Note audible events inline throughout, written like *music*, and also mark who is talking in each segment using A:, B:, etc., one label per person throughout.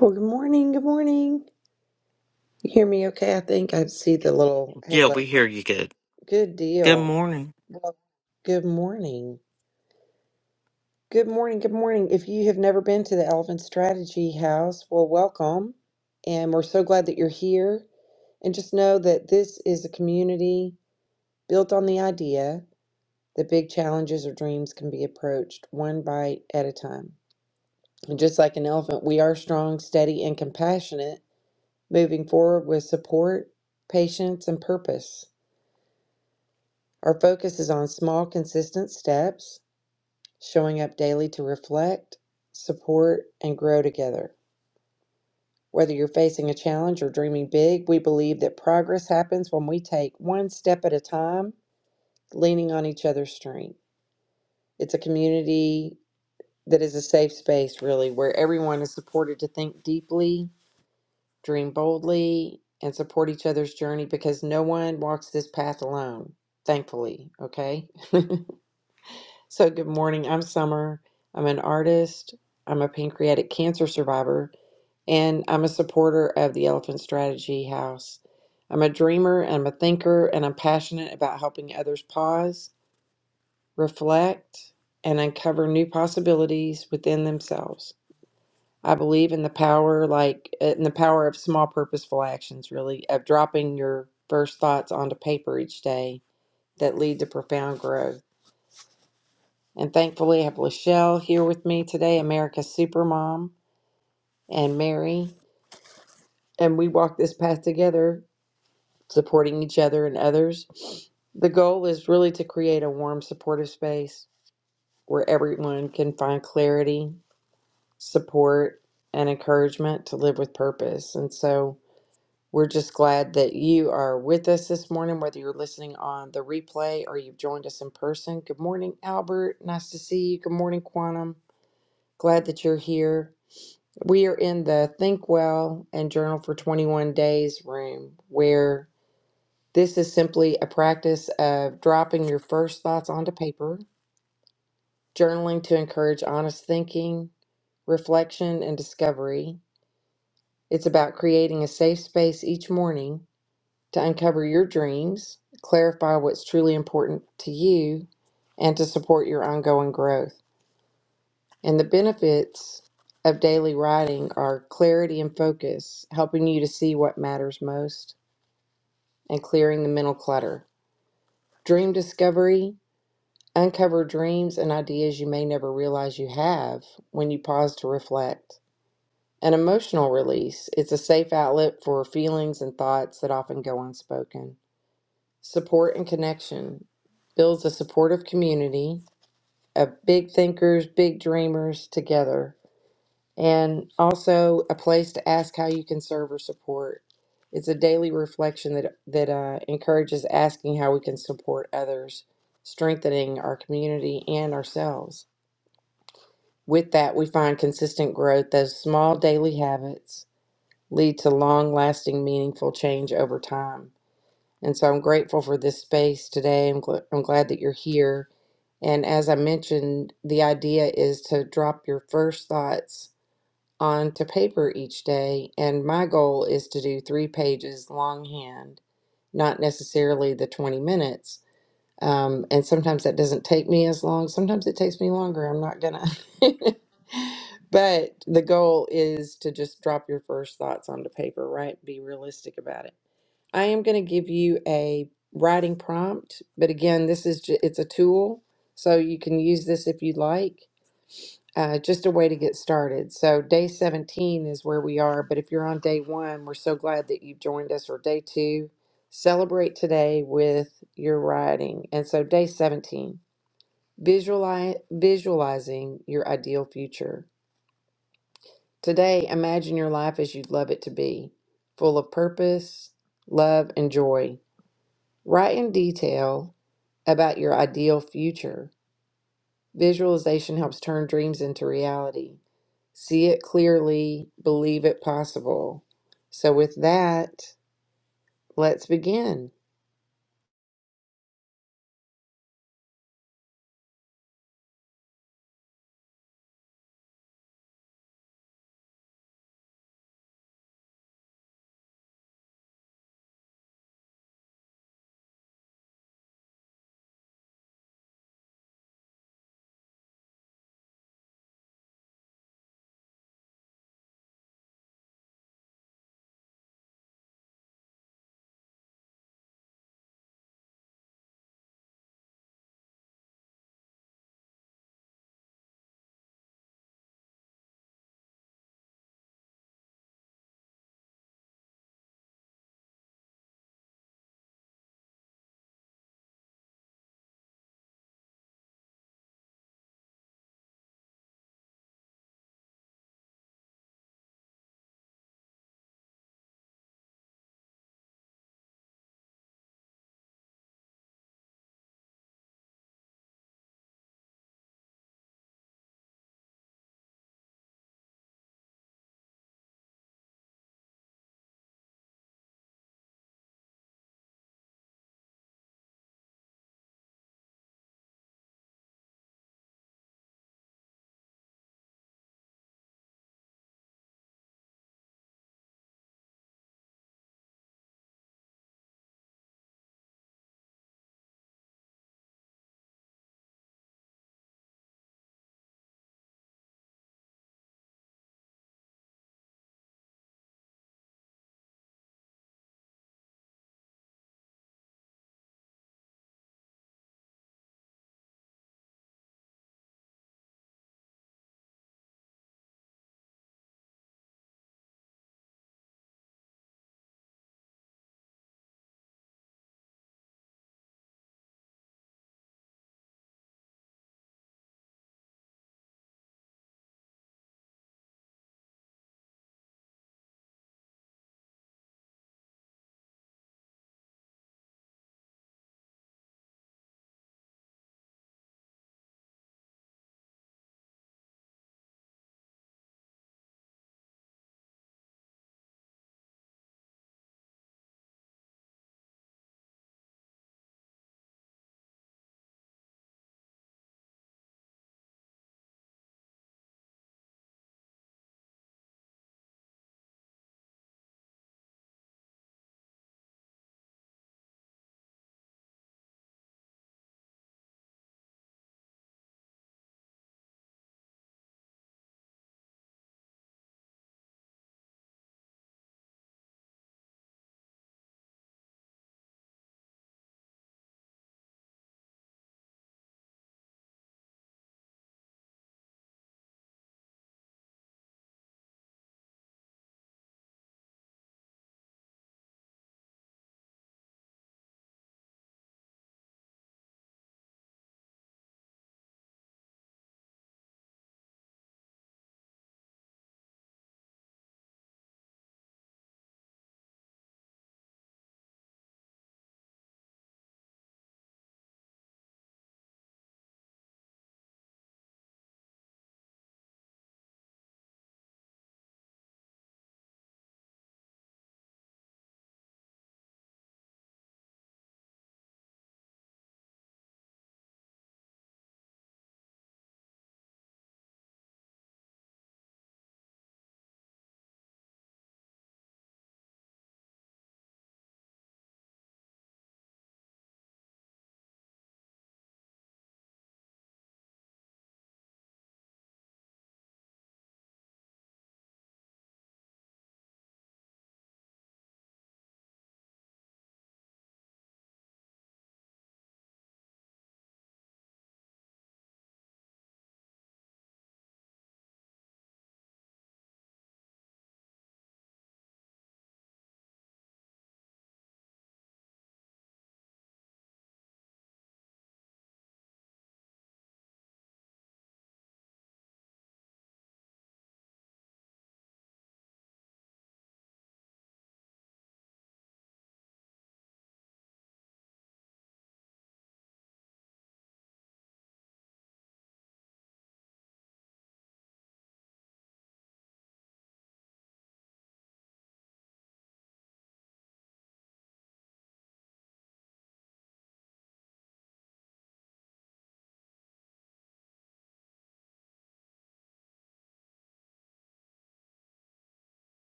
A: Well, good morning. Good morning. You hear me okay? I think I see the little
B: Yeah,
A: halo.
B: we hear you good.
A: Good
B: Good
A: deal.
B: morning.
A: Well, good morning. Good morning. Good morning. If you have never been to the Elephant Strategy House, well, welcome. And we're so glad that you're here. And just know that this is a community built on the idea that big challenges or dreams can be approached one bite at a time. And just like an elephant, we are strong, steady, and compassionate moving forward with support, patience, and purpose. Our focus is on small, consistent steps, showing up daily to reflect, support, and grow together. Whether you're facing a challenge or dreaming big, we believe that progress happens when we take one step at a time, leaning on each other's strength. It's a community that is a safe space, really, where everyone is supported to think deeply dream boldly, and support each other's journey because no one walks this path alone, thankfully. Okay. *laughs* So, good morning. I'm Summer. I'm an artist, I'm a pancreatic cancer survivor, and I'm a supporter of the Elephant Strategy House. I'm a dreamer and I'm a thinker, and I'm passionate about helping others pause, reflect, and uncover new possibilities within themselves. I believe in the power, like uh, in the power of small purposeful actions, really, of dropping your first thoughts onto paper each day that lead to profound growth. And thankfully, I have Lachelle here with me today, America's Supermom, and Mary. And we walk this path together, supporting each other and others. The goal is really to create a warm, supportive space where everyone can find clarity, support, and encouragement to live with purpose. And so, We're just glad that you are with us this morning, whether you're listening on the replay or you've joined us in person. Good morning, Albert. Nice to see you. Good morning, Quantum. Glad that you're here. We are in the Think Well and Journal for 21 Days room, where this is simply a practice of dropping your first thoughts onto paper, journaling to encourage honest thinking, reflection, and discovery. It's about creating a safe space each morning to uncover your dreams, clarify what's truly important to you, and to support your ongoing growth. And the benefits of daily writing are clarity and focus, helping you to see what matters most and clearing the mental clutter. Dream discovery, uncover dreams and ideas you may never realize you have when you pause to reflect. An emotional release, it's a safe outlet for feelings and thoughts that often go unspoken support and connection builds a supportive community of big thinkers, big dreamers together, and also a place to ask how you can serve or support. It's a daily reflection that that uh, encourages asking how we can support others, strengthening our community and ourselves. With that, we find consistent growth. Those small daily habits lead to long-lasting, meaningful change over time. And so I'm grateful for this space today. I'm, gl- I'm glad that you're here. And as I mentioned, the idea is to drop your first thoughts onto paper each day. And my goal is to do three pages longhand, not necessarily the 20 minutes. Um, and sometimes that doesn't take me as long. Sometimes it takes me longer. I'm not gonna. *laughs* but the goal is to just drop your first thoughts onto paper, right? Be realistic about it. I am going to give you a writing prompt, but again, this is ju- it's a tool, so you can use this if you'd like. Uh, just a way to get started. So day 17 is where we are, but if you're on day one, we're so glad that you've joined us. Or day two, celebrate today with your writing. And so day 17, visualize visualizing your ideal future. Today, imagine your life as you'd love it to be, full of purpose, love, and joy. Write in detail about your ideal future. Visualization helps turn dreams into reality. See it clearly, believe it possible. So, with that, let's begin.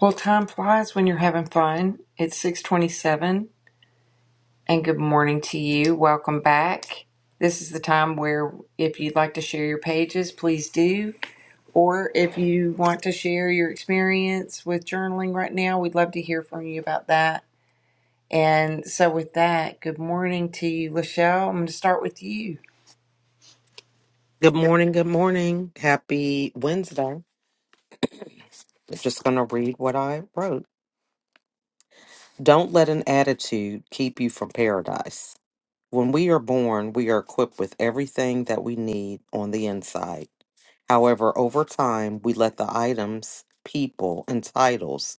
A: Well, time flies when you're having fun. It's 627, and good morning to you. Welcome back. This is the time where, if you'd like to share your pages, please do. Or if you want to share your experience with journaling right now, we'd love to hear from you about that And so, with that, good morning to you, Lachelle. I'm going to start with you.
B: Good morning. Good morning. Happy Wednesday. I'm just going to read what I wrote. Don't let an attitude keep you from paradise. When we are born, we are equipped with everything that we need on the inside. However, over time, we let the items, people, and titles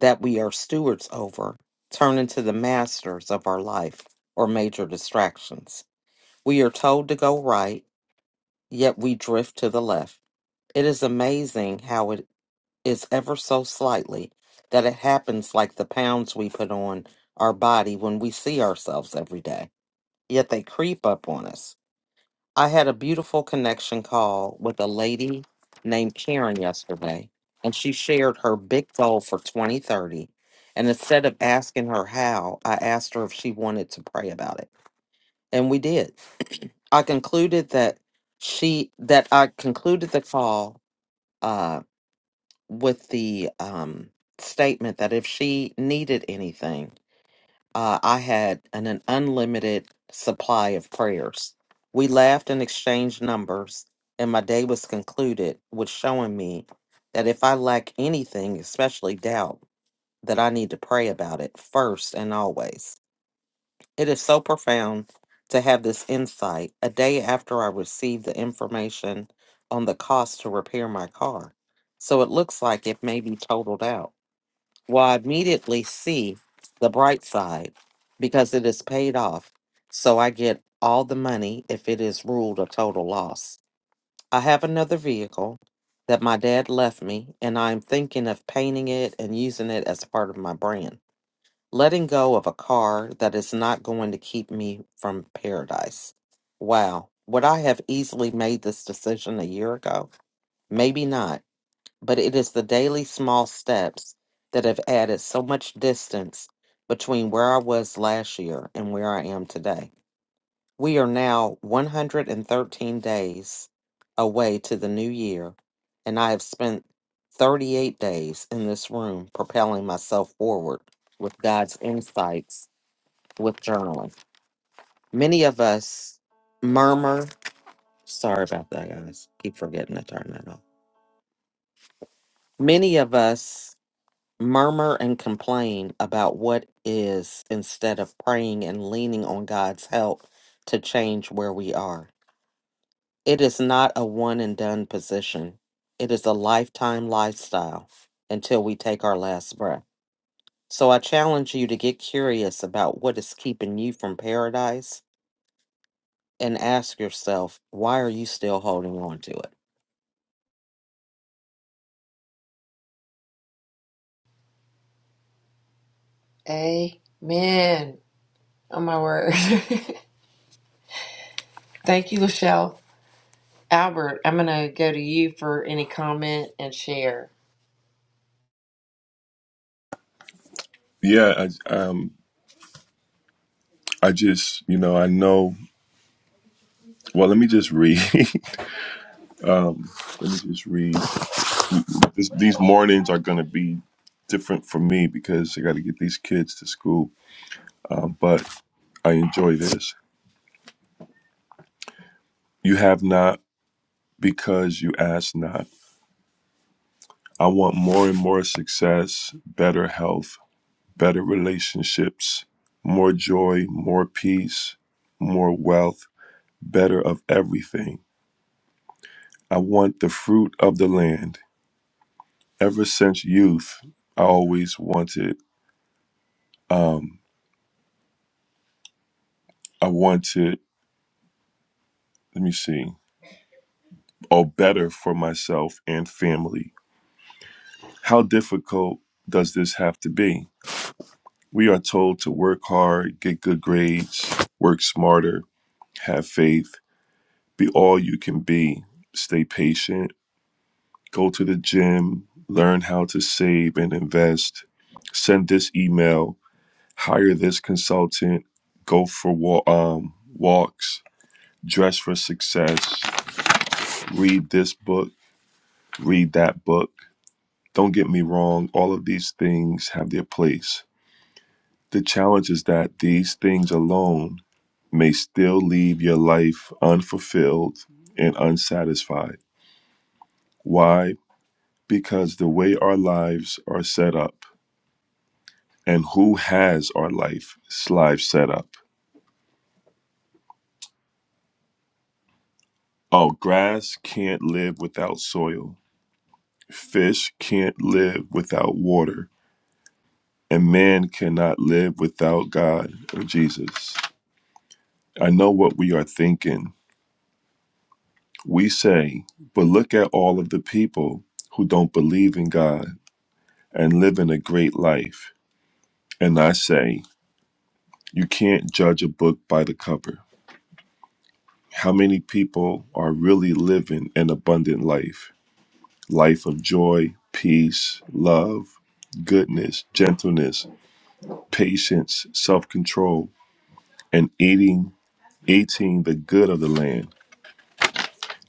B: that we are stewards over turn into the masters of our life or major distractions. We are told to go right, yet we drift to the left. It is amazing how it is ever so slightly that it happens like the pounds we put on our body when we see ourselves every day, yet they creep up on us. I had a beautiful connection call with a lady named Karen yesterday, and she shared her big goal for 2030. And instead of asking her how, I asked her if she wanted to pray about it, and we did. *clears throat* I concluded that she that I concluded the call. Uh, with the um, statement that if she needed anything, uh, I had an, an unlimited supply of prayers. We laughed and exchanged numbers, and my day was concluded with showing me that if I lack anything, especially doubt, that I need to pray about it first and always. It is so profound to have this insight a day after I received the information on the cost to repair my car. So it looks like it may be totaled out. Well, I immediately see the bright side because it is paid off. So I get all the money if it is ruled a total loss. I have another vehicle that my dad left me, and I'm thinking of painting it and using it as part of my brand. Letting go of a car that is not going to keep me from paradise. Wow. Would I have easily made this decision a year ago? Maybe not but it is the daily small steps that have added so much distance between where I was last year and where I am today. We are now 113 days away to the new year, and I have spent 38 days in this room propelling myself forward with God's insights with journaling. Many of us murmur. Sorry about that, guys. Keep forgetting to turn that off. Many of us murmur and complain about what is instead of praying and leaning on God's help to change where we are. It is not a one and done position, it is a lifetime lifestyle until we take our last breath. So I challenge you to get curious about what is keeping you from paradise and ask yourself, why are you still holding on to it?
A: Amen. Oh, my word. *laughs* Thank you, Lachelle. Albert, I'm going to go to you for any comment and share.
C: Yeah, I, um, I just, you know, I know. Well, let me just read. *laughs* let me just read. This, these mornings are going to be different for me because I got to get these kids to school. Um, but I enjoy this. You have not because you ask not. I want more and more success, better health, better relationships, more joy, more peace, more wealth, better of everything. I want the fruit of the land ever since youth, I always wanted, um, I wanted, let me see, or better for myself and family. How difficult does this have to be? We are told to work hard, get good grades, work smarter, have faith, be all you can be, stay patient, go to the gym, learn how to save and invest, send this email, hire this consultant, go for wa- um, walks, dress for success, read this book, read that book. Don't get me wrong, all of these things have their place. The challenge is that these things alone may still leave your life unfulfilled and unsatisfied. Why? Because the way our lives are set up and who has our life lives set up. Oh, grass can't live without soil. Fish can't live without water and man cannot live without God or Jesus. I know what we are thinking. We say, but look at all of the people who don't believe in God and live in a great life. And I say, you can't judge a book by the cover. How many people are really living an abundant life? Life of joy, peace, love, goodness, gentleness, patience, self control, and eating, eating the good of the land.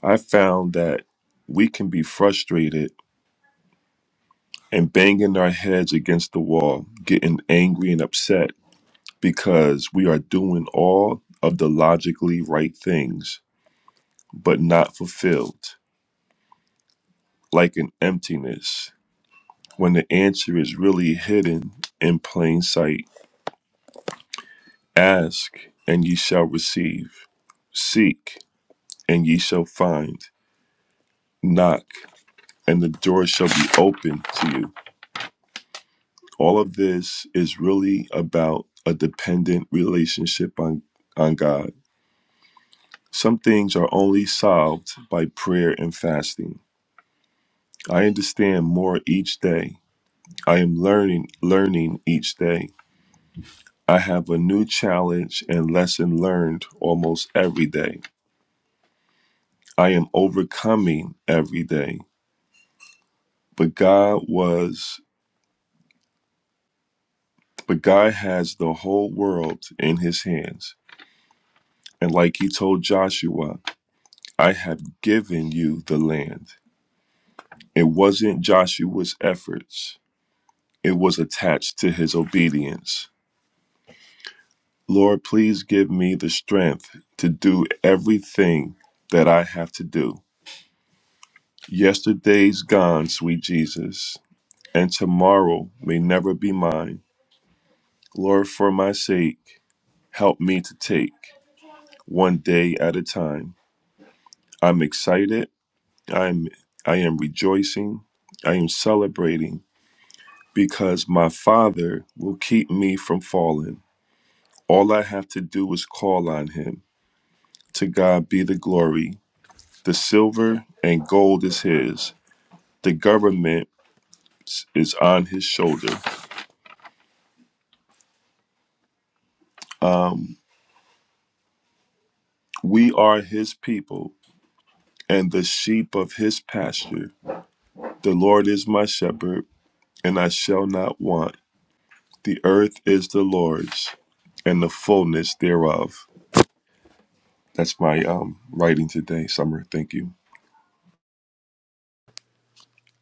C: I found that we can be frustrated and banging our heads against the wall, getting angry and upset because we are doing all of the logically right things, but not fulfilled, like an emptiness. When the answer is really hidden in plain sight, ask and ye shall receive, seek and ye shall find, knock and the door shall be open to you. All of this is really about a dependent relationship on, on God. Some things are only solved by prayer and fasting. I understand more each day. I am learning learning each day. I have a new challenge and lesson learned almost every day. I am overcoming every day. But God was but God has the whole world in his hands. And like he told Joshua, I have given you the land. It wasn't Joshua's efforts, it was attached to his obedience. Lord, please give me the strength to do everything that I have to do. Yesterday's gone, sweet Jesus, and tomorrow may never be mine. Lord, for my sake, help me to take one day at a time. I'm excited. I'm I am rejoicing. I am celebrating because my Father will keep me from falling. All I have to do is call on him. To God be the glory. The silver and gold is his, the government is on his shoulder. Um, we are his people and the sheep of his pasture. The Lord is my shepherd, and I shall not want. The earth is the Lord's and the fullness thereof. That's my um, writing today, Summer. Thank you.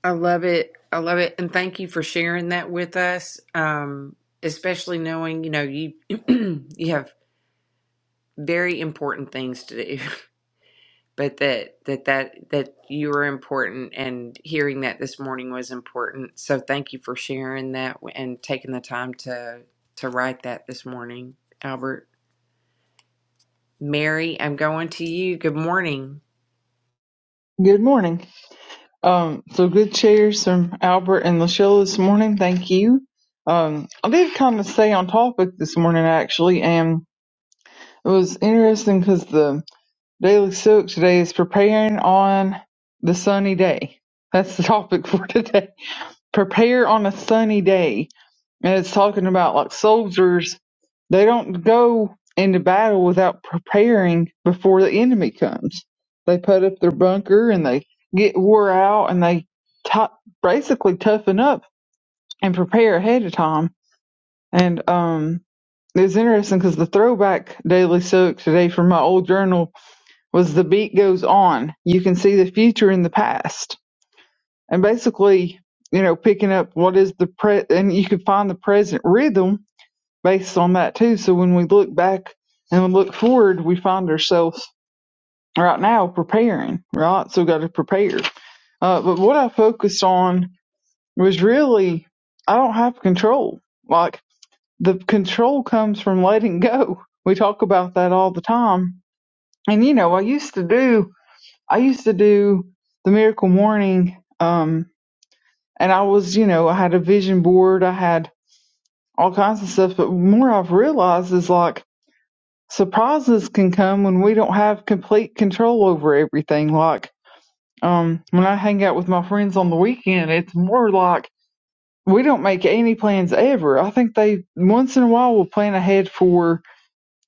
A: I love it. I love it. And thank you for sharing that with us. Um, especially knowing, you know, you *clears throat* you have very important things to do. *laughs* but that that that that you are important and hearing that this morning was important so thank you for sharing that and taking the time to to write that this morning albert mary i'm going to you good morning
D: Good morning. Um, so good shares from Albert and Lachelle this morning. Thank you. Um, I did kind of stay on topic this morning actually, and it was interesting because the Daily Silk today is preparing on the sunny day. That's the *laughs* topic for today. *laughs* Prepare on a sunny day and it's talking about like soldiers they don't go into battle without preparing before the enemy comes they put up their bunker and they get wore out and they t- basically toughen up and prepare ahead of time and um it was interesting because the throwback daily soak today from my old journal was the beat goes on you can see the future in the past and basically you know picking up what is the pre and you can find the present rhythm based on that too. So when we look back and we look forward, we find ourselves right now preparing, right? So we got to prepare. Uh, but what I focused on was really, I don't have control. Like the control comes from letting go. We talk about that all the time. And you know, I used to do, I used to do the miracle morning. Um, and I was, you know, I had a vision board. I had all kinds of stuff. But more I've realized is like, surprises can come when we don't have complete control over everything. Like, um, when I hang out with my friends on the weekend, it's more like we don't make any plans ever. I think they once in a while will plan ahead for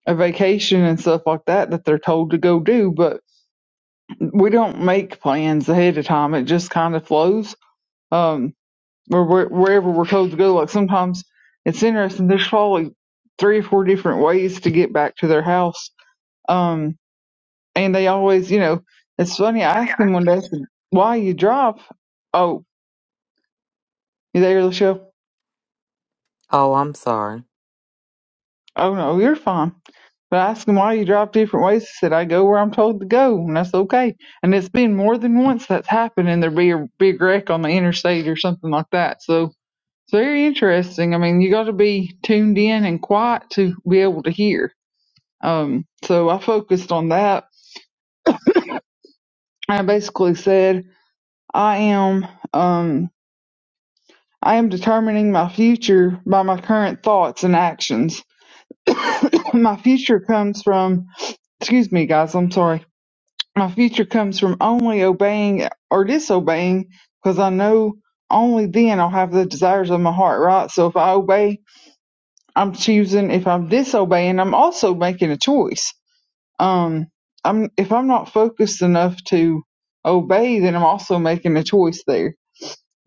D: a vacation and stuff like that that they're told to go do, but we don't make plans ahead of time. It just kind of flows. Um, or where, wherever we're told to go. Like sometimes it's interesting. There's probably three or four different ways to get back to their house. Um, and they always, you know, it's funny. I
B: Oh,
D: asked
B: yeah.
D: him one day, I said, "Why you drop?" Oh, you there, Lachelle?
B: Oh, I'm sorry.
D: Oh no, you're fine. But I asked him why you drop different ways. He said, "I go where I'm told to go, and that's okay." And it's been more than once that's happened, and there be a big wreck on the interstate or something like that. So it's very interesting. I mean, you got to be tuned in and quiet to be able to hear. Um, so I focused on that. I basically said, "I am." Um, I am determining my future by my current thoughts and actions. *coughs* my future comes from, excuse me, guys, I'm sorry. My future comes from only obeying or disobeying because I know only then I'll have the desires of my heart, right? So if I obey, I'm choosing. If I'm disobeying, I'm also making a choice. Um, I'm, if I'm not focused enough to obey, then I'm also making a choice there.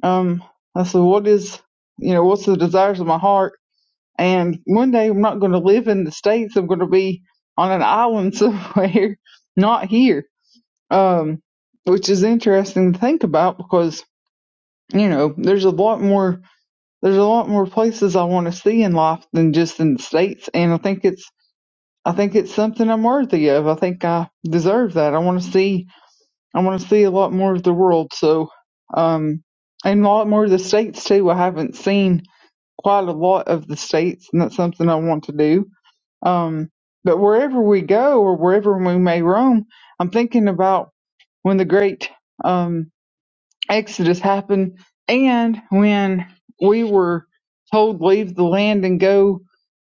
D: Um, I said, what is, you know, what's the desires of my heart? And one day I'm not going to live in the States. I'm going to be on an island somewhere, *laughs* not here. Um, which is interesting to think about because, you know, there's a lot more, there's a lot more places I want to see in life than just in the States. And I think it's, I think it's something I'm worthy of. I think I deserve that. I want to see, I want to see a lot more of the world. So, um, and a lot more of the States too. I haven't seen quite a lot of the States and that's something I want to do um, but wherever we go or wherever we may roam, I'm thinking about when the great um, Exodus happened and when we were told leave the land and go,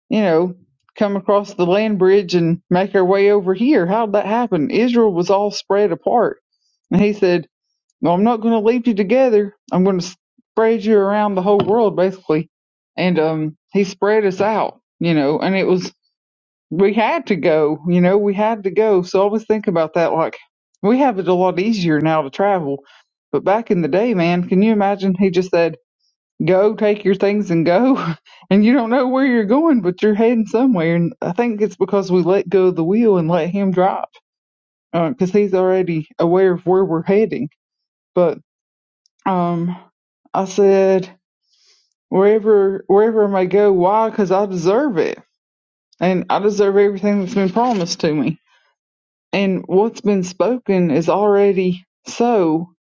D: you know, come across the land bridge and make our way over here. How'd that happen? Israel was all spread apart. And he said, Well, I'm not going to leave you together. I'm going to spread you around the whole world, basically. And um, he spread us out, you know, and it was we had to go, you know, we had to go. So I always think about that like we have it a lot easier now to travel. But back in the day, man, can you imagine he just said, Go, take your things and go *laughs* and you don't know where you're going, but you're heading somewhere. And I think it's because we let go of the wheel and let him drive. because he's already aware of where we're heading. But um I said, Wherever wherever I may go, why? Because I deserve it. And I deserve everything that's been promised to me and what's been spoken is already so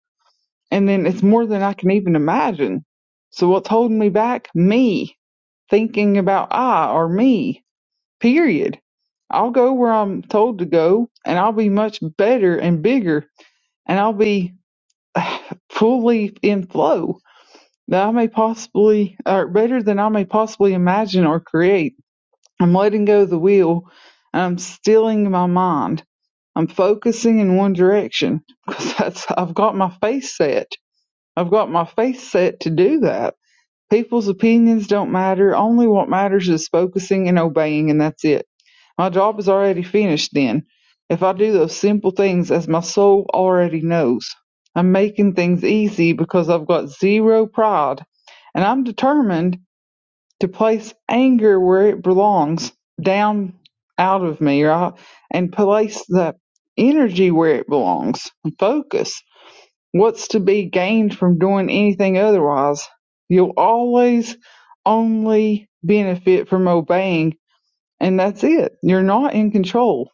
D: and then it's more than i can even imagine so what's holding me back me thinking about i or me period i'll go where i'm told to go and i'll be much better and bigger and i'll be fully in flow that i may possibly or better than i may possibly imagine or create i'm letting go of the wheel and i'm stilling my mind I'm focusing in one direction because *laughs* that's I've got my face set. I've got my face set to do that. People's opinions don't matter. Only what matters is focusing and obeying, and that's it. My job is already finished then. If I do those simple things as my soul already knows, I'm making things easy because I've got zero pride and I'm determined to place anger where it belongs, down out of me, right? And place the energy where it belongs. and Focus. What's to be gained from doing anything otherwise? You'll always only benefit from obeying, and that's it. You're not in control.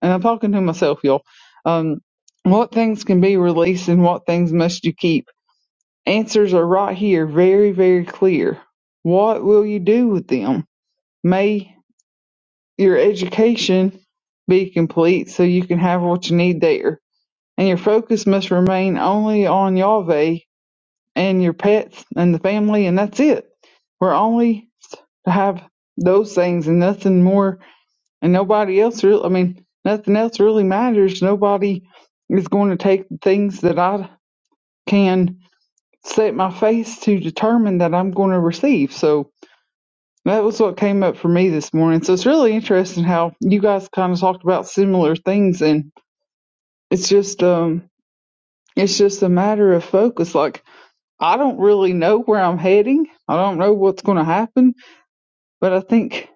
D: And I'm talking to myself, y'all. Um, what things can be released and what things must you keep? Answers are right here, very, very clear. What will you do with them? May your education be complete so you can have what you need there. And your focus must remain only on Yahweh and your pets and the family, and that's it. We're only to have those things and nothing more, and nobody else really, I mean, nothing else really matters. Nobody is going to take the things that I can set my face to determine that I'm going to receive. So, That was what came up for me this morning. So it's really interesting how you guys kind of talked about similar things, and it's just um, it's just a matter of focus. Like I don't really know where I'm heading. I don't know what's going to happen, but I think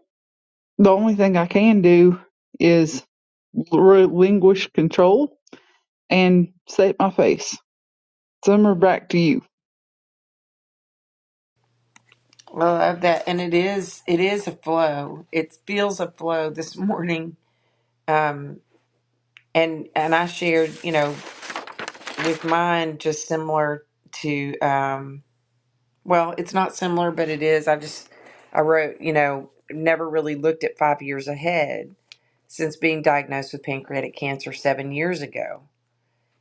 D: the only thing I can do is relinquish control and set my face. Summer, back to you.
A: Well, I love that, and it is it is a flow. It feels a flow this morning. Um, and and I shared, you know, with mine just similar to. Um, Well, it's not similar, but it is. I just, I wrote, you know, never really looked at five years ahead since being diagnosed with pancreatic cancer seven years ago.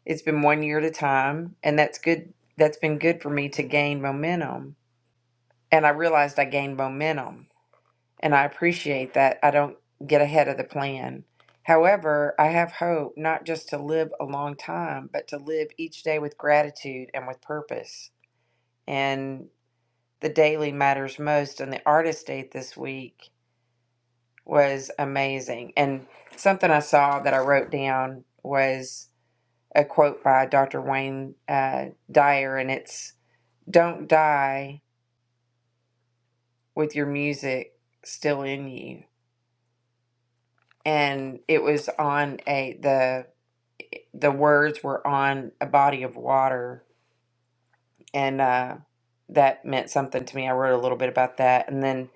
A: It's been one year at a time, and that's good. That's been good for me to gain momentum. And I realized I gained momentum, and I appreciate that I don't get ahead of the plan. However, I have hope not just to live a long time, but to live each day with gratitude and with purpose. and the daily matters most and the artist date this week was amazing and something i saw that i wrote down was a quote by dr wayne uh, dyer and it's don't die with your music still in you and it was on a the the words were on a body of water and uh, that meant something to me i wrote a little bit about that and then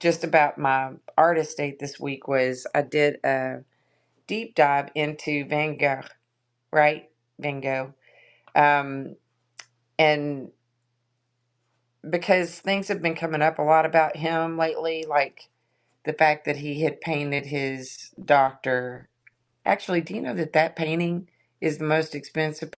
A: just about my artist date this week was i did a. deep dive into Van Gogh, right? Van Gogh. Um, and because things have been coming up a lot about him lately, like the fact that he had painted his doctor. Actually, do you know that that painting is the most expensive?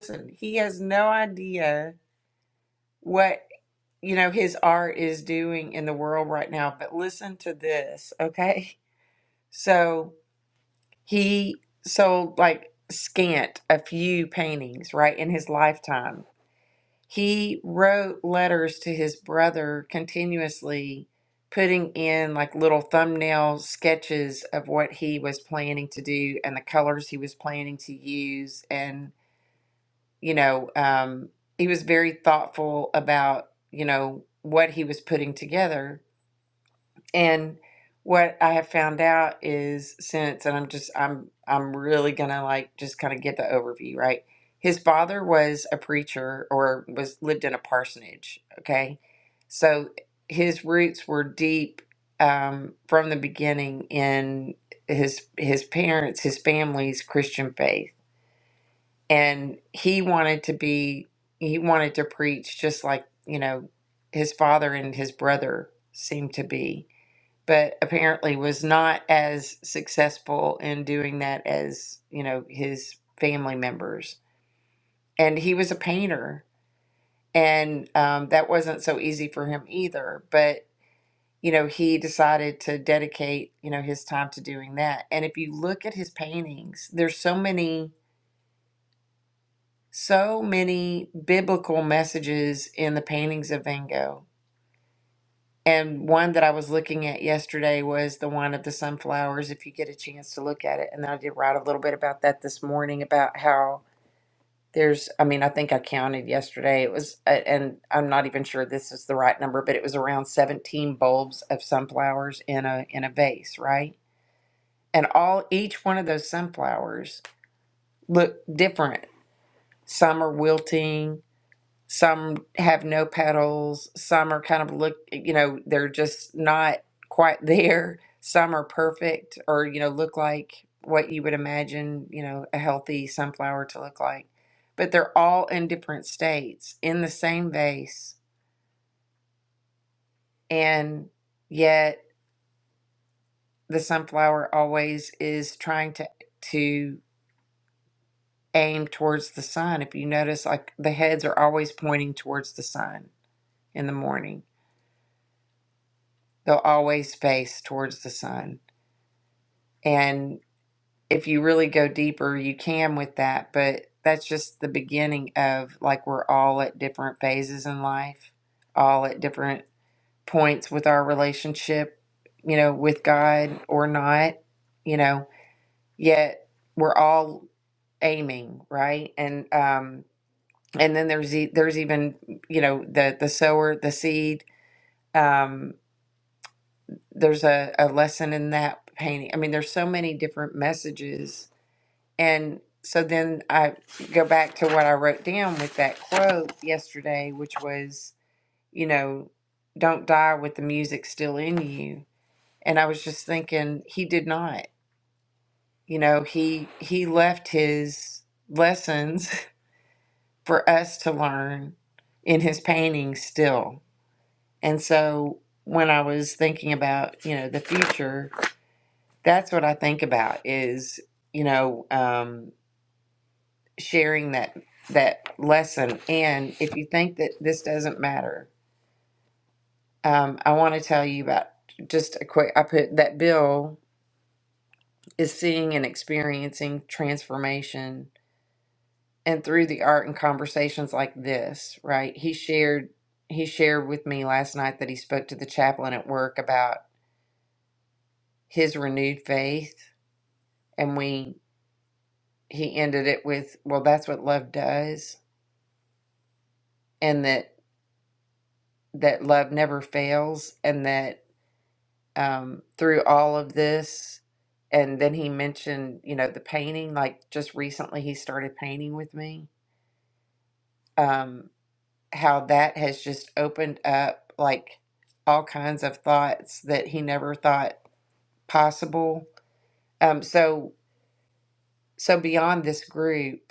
A: Person? He has no idea what, you know, his art is doing in the world right now. But listen to this, okay? So he sold like scant a few paintings, right, in his lifetime He wrote letters to his brother continuously, putting in like little thumbnail sketches of what he was planning to do and the colors he was planning to use. And, you know, um, he was very thoughtful about, you know, what he was putting together and what I have found out is since, and I'm just, I'm, I'm really gonna like just kind of get the overview, right? His father was a preacher or was lived in a parsonage. Okay. So his roots were deep um, from the beginning in his, his parents, his family's Christian faith. And he wanted to be, he wanted to preach just like, you know, his father and his brother seemed to be but apparently was not as successful in doing that as you know his family members and he was a painter and um, that wasn't so easy for him either but you know he decided to dedicate you know his time to doing that and if you look at his paintings there's so many so many biblical messages in the paintings of van gogh And one that I was looking at yesterday was the one of the sunflowers, if you get a chance to look at it. And I did write a little bit about that this morning about how there's, I mean, I think I counted yesterday. It was, a- and I'm not even sure this is the right number, but it was around 17 bulbs of sunflowers in a in a vase, right? And all each one of those sunflowers look different. Some are wilting, some have no petals. Some are kind of look, you know, they're just not quite *laughs* there. Some are perfect or, you know, look like what you would imagine, you know, a healthy sunflower to look like. But they're all in different states in the same vase. And yet the sunflower always is trying to, to aim towards the sun. If you notice, like the heads are always pointing towards the sun in the morning They'll always face towards the sun. And if you really go deeper, you can with that, but that's just the beginning of like we're all at different phases in life, all at different points with our relationship, you know, with God or not, you know, yet we're all aiming, right? And um and then there's e- there's even, you know, the the sower, the seed. Um there's a, a lesson in that painting. I mean, there's so many different messages. And so then I go back to what I wrote down with that quote yesterday, which was, you know, don't die with the music still in you. And I was just thinking, he did not. You know, he he left his lessons *laughs* for us to learn in his paintings still. And so when I was thinking about, you know, the future, That's what I think about is, you know, um, sharing that that lesson. And if you think that this doesn't matter, um, I want to tell you about just a quick. I put that Bill is seeing and experiencing transformation, and through the art and conversations like this, right? He shared he shared with me last night that he spoke to the chaplain at work about his renewed faith, and we he ended it with, "Well, that's what love does." and that that love never fails and that um, through all of this and then he mentioned you know the painting like just recently he started painting with me um, how that has just opened up like all kinds of thoughts that he never thought possible um, so so beyond this group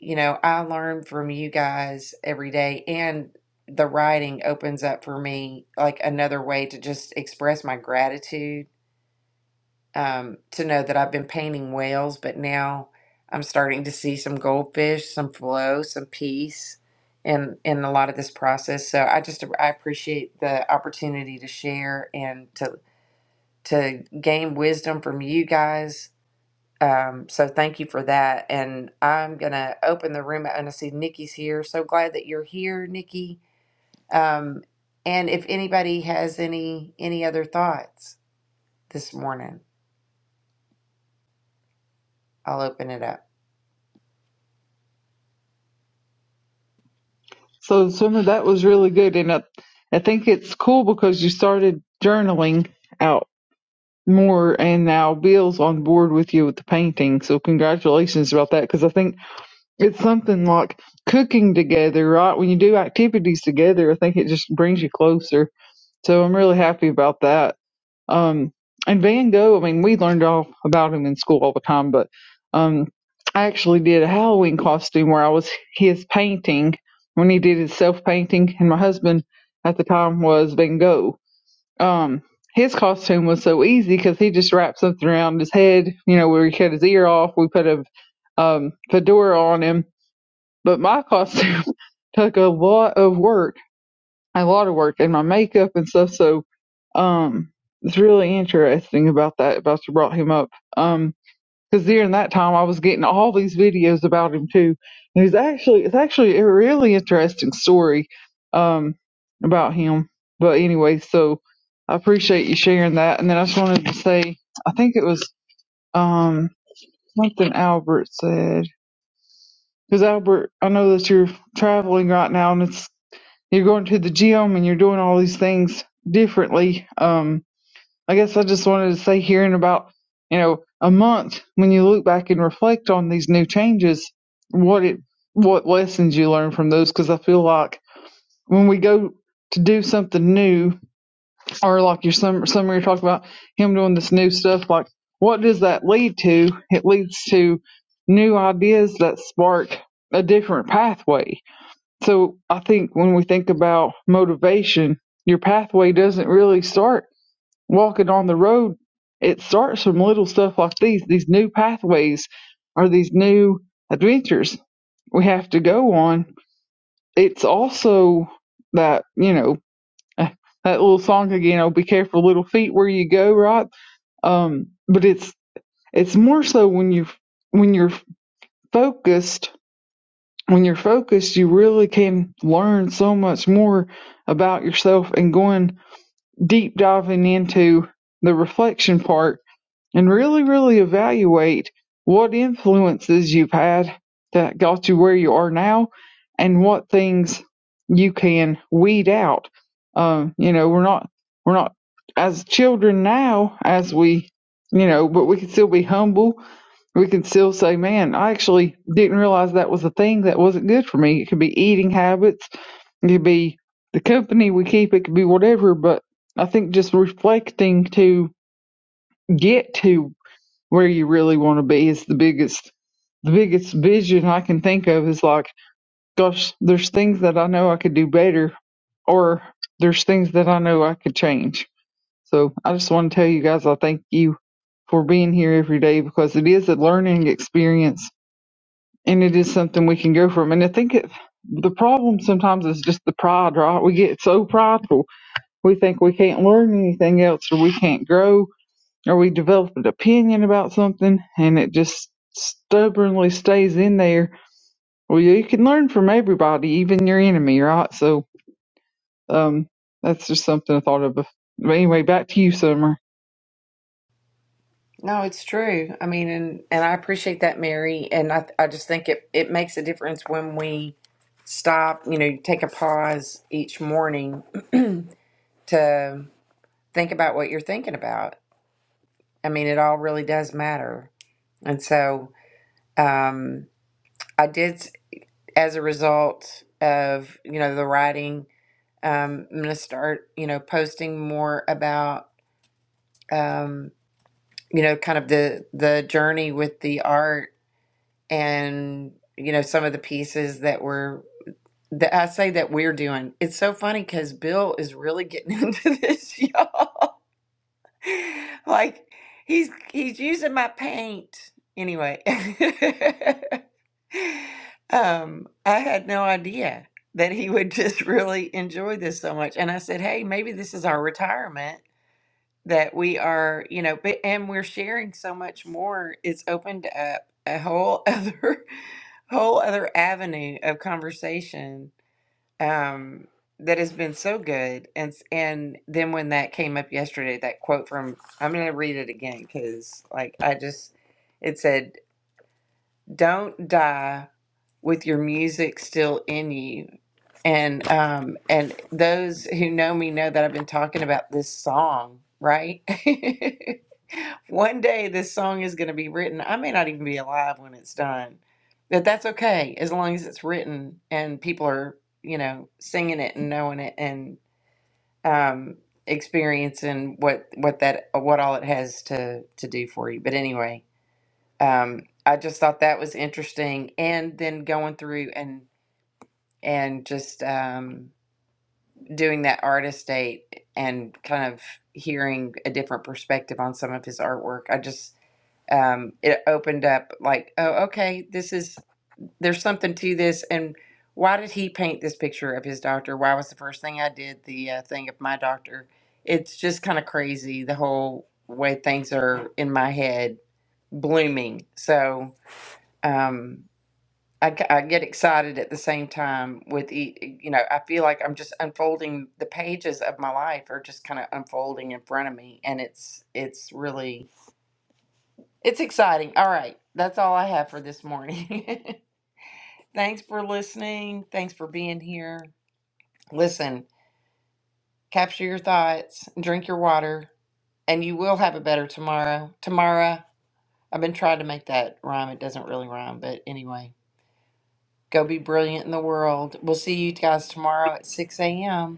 A: you know i learn from you guys every day and the writing opens up for me like another way to just express my gratitude um, to know that I've been painting whales, but now I'm starting to see some goldfish, some flow, some peace in in a lot of this process. So I just I appreciate the opportunity to share and to to gain wisdom from you guys. Um, so thank you for that. And I'm gonna open the room and I see Nikki's here. So glad that you're here, Nikki. Um, and if anybody has any any other thoughts this morning, I'll open it up.
D: So Summer, that was really good, and I, I think it's cool because you started journaling out More and now Bill's on board with you with the painting, so congratulations about that. Because I think it's something like cooking together, right? When you do activities together, I think it just brings you closer. So I'm really happy about that. Um, and Van Gogh, I mean, we learned all about him in school all the time, but um, I actually did a Halloween costume where I was his painting when he did his self painting, and my husband at the time was Van Gogh. Um, his costume was so easy because he just wrapped something around his head, you know, where he cut his ear off. We put a um, fedora on him. But my costume *laughs* took a lot of work, a lot of work, and my makeup and stuff. So um, it's really interesting about that. About you brought him up. Um, because during that time I was getting all these videos about him too. And he's actually it's actually a really interesting story um about him. But anyway, so I appreciate you sharing that. And then I just wanted to say I think it was um something Albert said because Albert I know that you're traveling right now and it's you're going to the gym and you're doing all these things differently. Um, I guess I just wanted to say here in about, you know, a month when you look back and reflect on these new changes, what it what lessons you learn from those cuz I feel like when we go to do something new or like your summer summer you are talking about him doing this new stuff like what does that lead to? It leads to new ideas that spark a different pathway. So I think when we think about motivation, your pathway doesn't really start walking on the road, it starts from little stuff like these. These new pathways are these new adventures we have to go on. It's also that, you know, *laughs* that little song again, oh, be careful little feet where you go, right? Um, but it's, it's more so when you, when you're focused, when you're focused, you really can learn so much more about yourself and going deep diving into the reflection part and really, really evaluate what influences you've had that got you where you are now and what things you can weed out. Um, you know, we're not, we're not as children now as we, you know, but we can still be humble. We can still say, man, I actually didn't realize that was a thing that wasn't good for me. It could be eating habits. It could be the company we keep. It could be whatever. But I think just reflecting to get to where you really want to be is the biggest the biggest vision I can think of is like, gosh, there's things that I know I could do better or there's things that I know I could change. So I just want to tell you guys I thank you for being here every day because it is a learning experience and it is something we can go from. And I think it, the problem sometimes is just the pride, right? We get so prideful. We think we can't learn anything else or we can't grow or we develop an opinion about something and it just stubbornly stays in there. Well, you can learn from everybody, even your enemy, right? So, um, that's just something I thought of. But anyway, back to you, Summer.
A: No, it's true. I mean, and and I appreciate that, Mary. And I I just think it it makes a difference when we stop, you know, take a pause each morning *clears throat* to think about what you're thinking about. I mean, it all really does matter. And so, um, I did s- as a result of you know the writing. Um, I'm going to start, you know, posting more about, um, you know, kind of the the journey with the art and you know some of the pieces that were that I say that we're doing. It's so funny because Bill is really getting *laughs* into this, y'all. Like he's he's using my paint anyway. *laughs* um, I had no idea that he would just really enjoy this so much, and I said, "Hey, maybe this is our retirement." that we are, you know, but and we're sharing so much more. It's opened up a whole *laughs* other whole other avenue of conversation um that has been so good. And s- and then when that came up yesterday, that quote from I'm going to read it again cuz like I just it said, "Don't die with your music still in you and um and those who know me know that I've been talking about this song, right? *laughs* One day this song is going to be written. I may not even be alive when it's done. But that's okay as long as it's written and people are, you know, singing it and knowing it and um experiencing what what that what all it has to to do for you. But anyway, um I just thought that was interesting and then going through and and just um doing that artist date and kind of hearing a different perspective on some of his artwork i just um it opened up like oh okay this is there's something to this and why did he paint this picture of his doctor why was the first thing i did the uh, thing of my doctor it's just kind of crazy the whole way things are in my head blooming so um I, g- I get excited at the same time with e- e, you know I feel like I'm just unfolding the pages of my life are just kind of unfolding in front of me and it's it's really it's exciting. All right, that's all I have for this morning. *laughs* Thanks for listening. Thanks for being here. Listen, capture your thoughts, drink your water, and you will have a better tomorrow. Tomorrow, I've been trying to make that rhyme. It doesn't really rhyme, but anyway, go be brilliant in the world. We'll see you guys tomorrow at 6 a.m.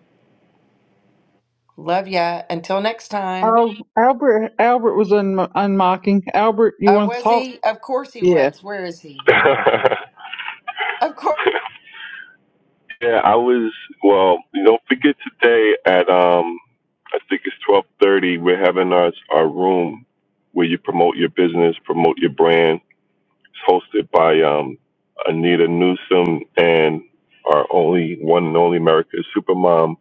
A: Love ya. Until next time.
D: Oh, Albert, Albert was un- unmocking. Albert, you
A: Uh,
D: want to
A: was
D: talk?
A: he? Of course he
D: Yeah,
A: was. Where is he?
C: *laughs*
A: Of course.
C: Yeah, I was. Well, don't forget today at um, I think it's twelve thirty. We're having our our room where you promote your business, promote your brand. It's hosted by um, Anita Newsom and our only one and only America Supermom.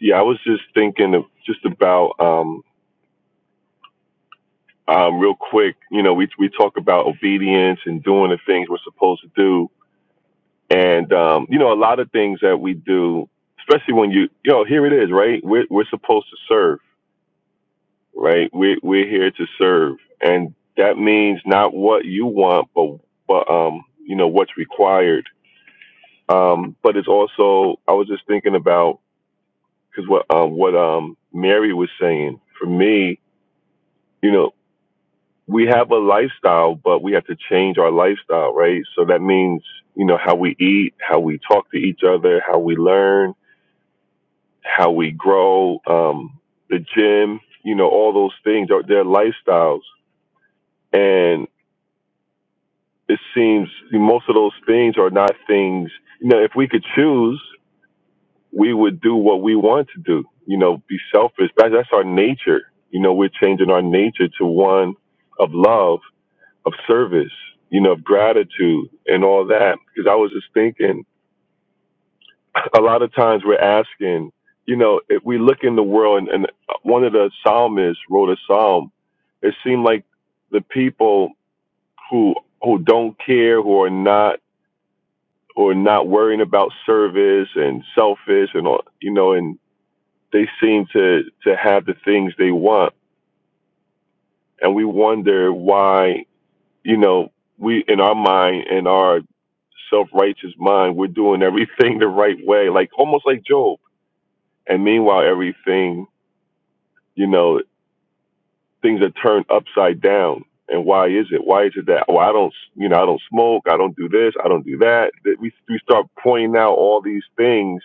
C: Yeah, I was just thinking of just about um, um, real quick. You know, we we talk about obedience and doing the things we're supposed to do And um, you know, a lot of things that we do, especially when you, you know, here it is, right? We're we're supposed to serve, right? We're we're here to serve, and that means not what you want, but but um, you know, what's required. Um, but it's also, I was just thinking about because what um what um Mary was saying for me, you know. We have a lifestyle, but we have to change our lifestyle, right? So that means, you know, how we eat, how we talk to each other, how we learn, how we grow, um, the gym, you know, all those things are their lifestyles. And it seems most of those things are not things, you know, if we could choose, we would do what we want to do, you know, be selfish. That, that's our nature. You know, we're changing our nature to one of love, of service, you know, of gratitude and all that. Because I was just thinking, a lot of times we're asking, you know, if we look in the world, and, and one of the psalmists wrote a psalm. It seemed like the people who who don't care, who are not who are not worrying about service and selfish, and all, you know, and they seem to to have the things they want, and we wonder why, you know, we in our mind in our self righteous mind, we're doing everything *laughs* the right way, like almost like Job, and meanwhile everything you know things are turned upside down and why is it why is it that well i don't you know i don't smoke i don't do this i don't do that we, we start pointing out all these things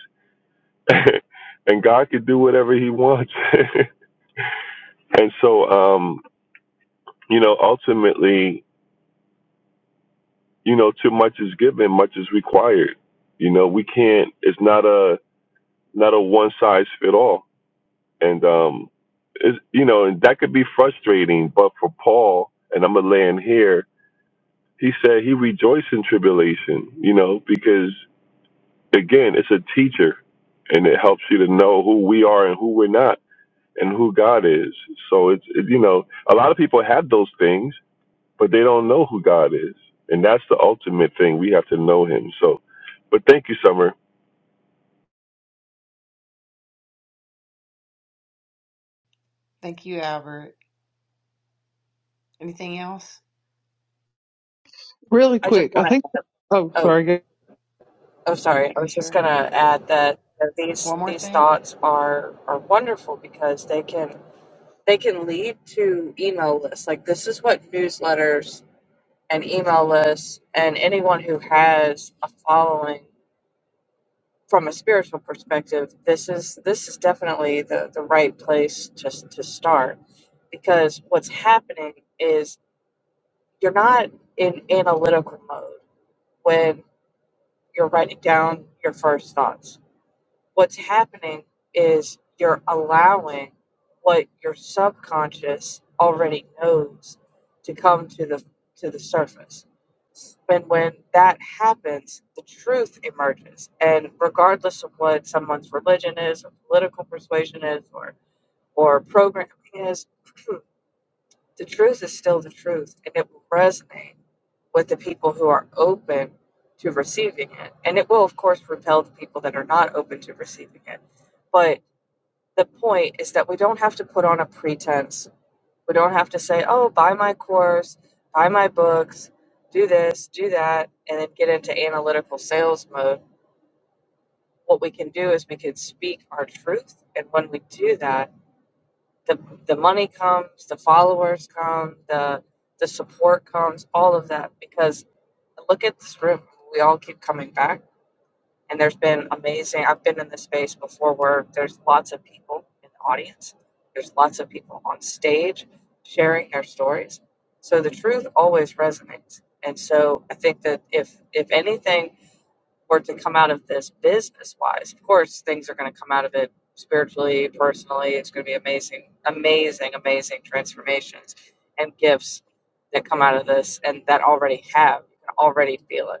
C: *laughs* and god could do whatever he wants *laughs* and so um you know ultimately you know too much is given much is required you know we can't it's not a not a one size fit all and um it's, you know and that could be frustrating but for paul and i'm gonna land here He said he rejoiced in tribulation, you know, because again, it's a teacher and it helps you to know who we are and who we're not and who God is. So it's, it, you know, a lot of people have those things, but they don't know who God is. And that's the ultimate thing. We have to know him. So, but thank you, Summer.
A: Thank you, Albert. Anything else?
D: really
E: I just
D: quick. I
E: want
D: think.
E: to.
D: Oh,
E: Oh,
D: sorry.
E: oh, sorry. I
A: Are you
E: was just
A: sure?
E: going to add that uh, these
A: One more
E: these
A: thing?
E: thoughts are are wonderful because they can they can lead to email lists. Like this is what newsletters and email lists and anyone who has a following from a spiritual perspective, this is this is definitely the the right place to to start because what's happening is you're not in analytical mode when you're writing down your first thoughts what's happening is you're allowing what your subconscious already knows to come to the to the surface. And when that happens, the truth emerges. And regardless of what someone's religion is, or political persuasion is, or or programming is, *clears throat* the truth is still the truth, and it will resonate with the people who are open to receiving it. And it will, of course, repel the people that are not open to receiving it. but the point is that we don't have to put on a pretense. We don't have to say, oh, buy my course, buy my books, do this, do that, and then get into analytical sales mode. What we can do is we can speak our truth. And when we do that, the, the money comes, the followers come, the, the support comes, all of that. Because look at this room. We all keep coming back and there's been amazing. I've been in this space before where there's lots of people in the audience, there's lots of people on stage sharing their stories. So the truth always resonates. And so I think that if if anything were to come out of this business wise, of course things are going to come out of it spiritually, personally. It's going to be amazing, amazing, amazing transformations and gifts that come out of this and that already have. You can already feel it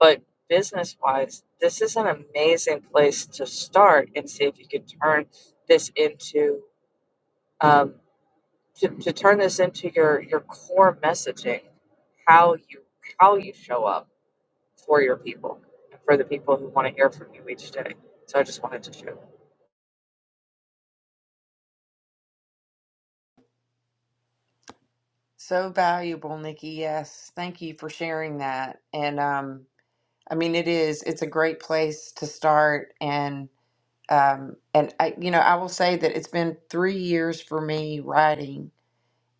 E: but business wise, this is an amazing place to start and see if you could turn this into um, to, to turn this into your your core messaging, how you how you show up for your people and for the people who want to hear from you each day. So I just wanted to share.
A: So valuable, Nikki. Yes. Thank you for sharing that. And um, I mean, it is. It's a great place to start. And um, and I, you know, I will say that it's been three years for me writing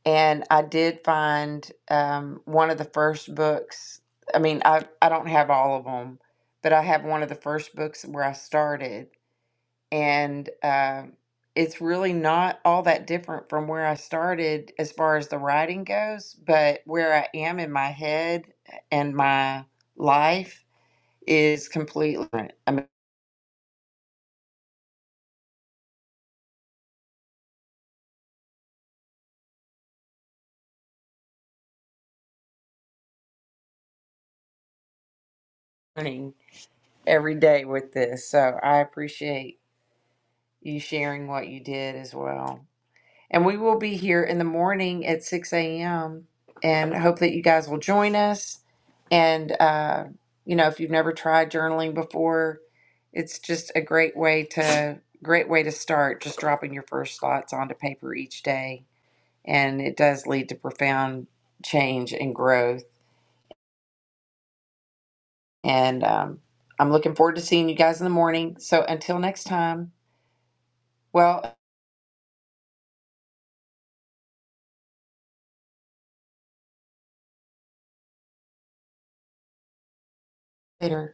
A: And I did find um, one of the first books. I mean, I, I don't have all of them, but I have one of the first books where I started. And uh, it's really not all that different from where I started as far as the writing goes, but where I am in my head and my life is completely different. I'm learning every day with this. So I appreciate you sharing what you did as well. And we will be here in the morning at 6 a.m. and hope that you guys will join us. And, uh, you know, if you've never tried journaling before, it's just a great way to great way to start just dropping your first thoughts onto paper each day and it does lead to profound change and growth and um, i'm looking forward to seeing you guys in the morning so until next time well later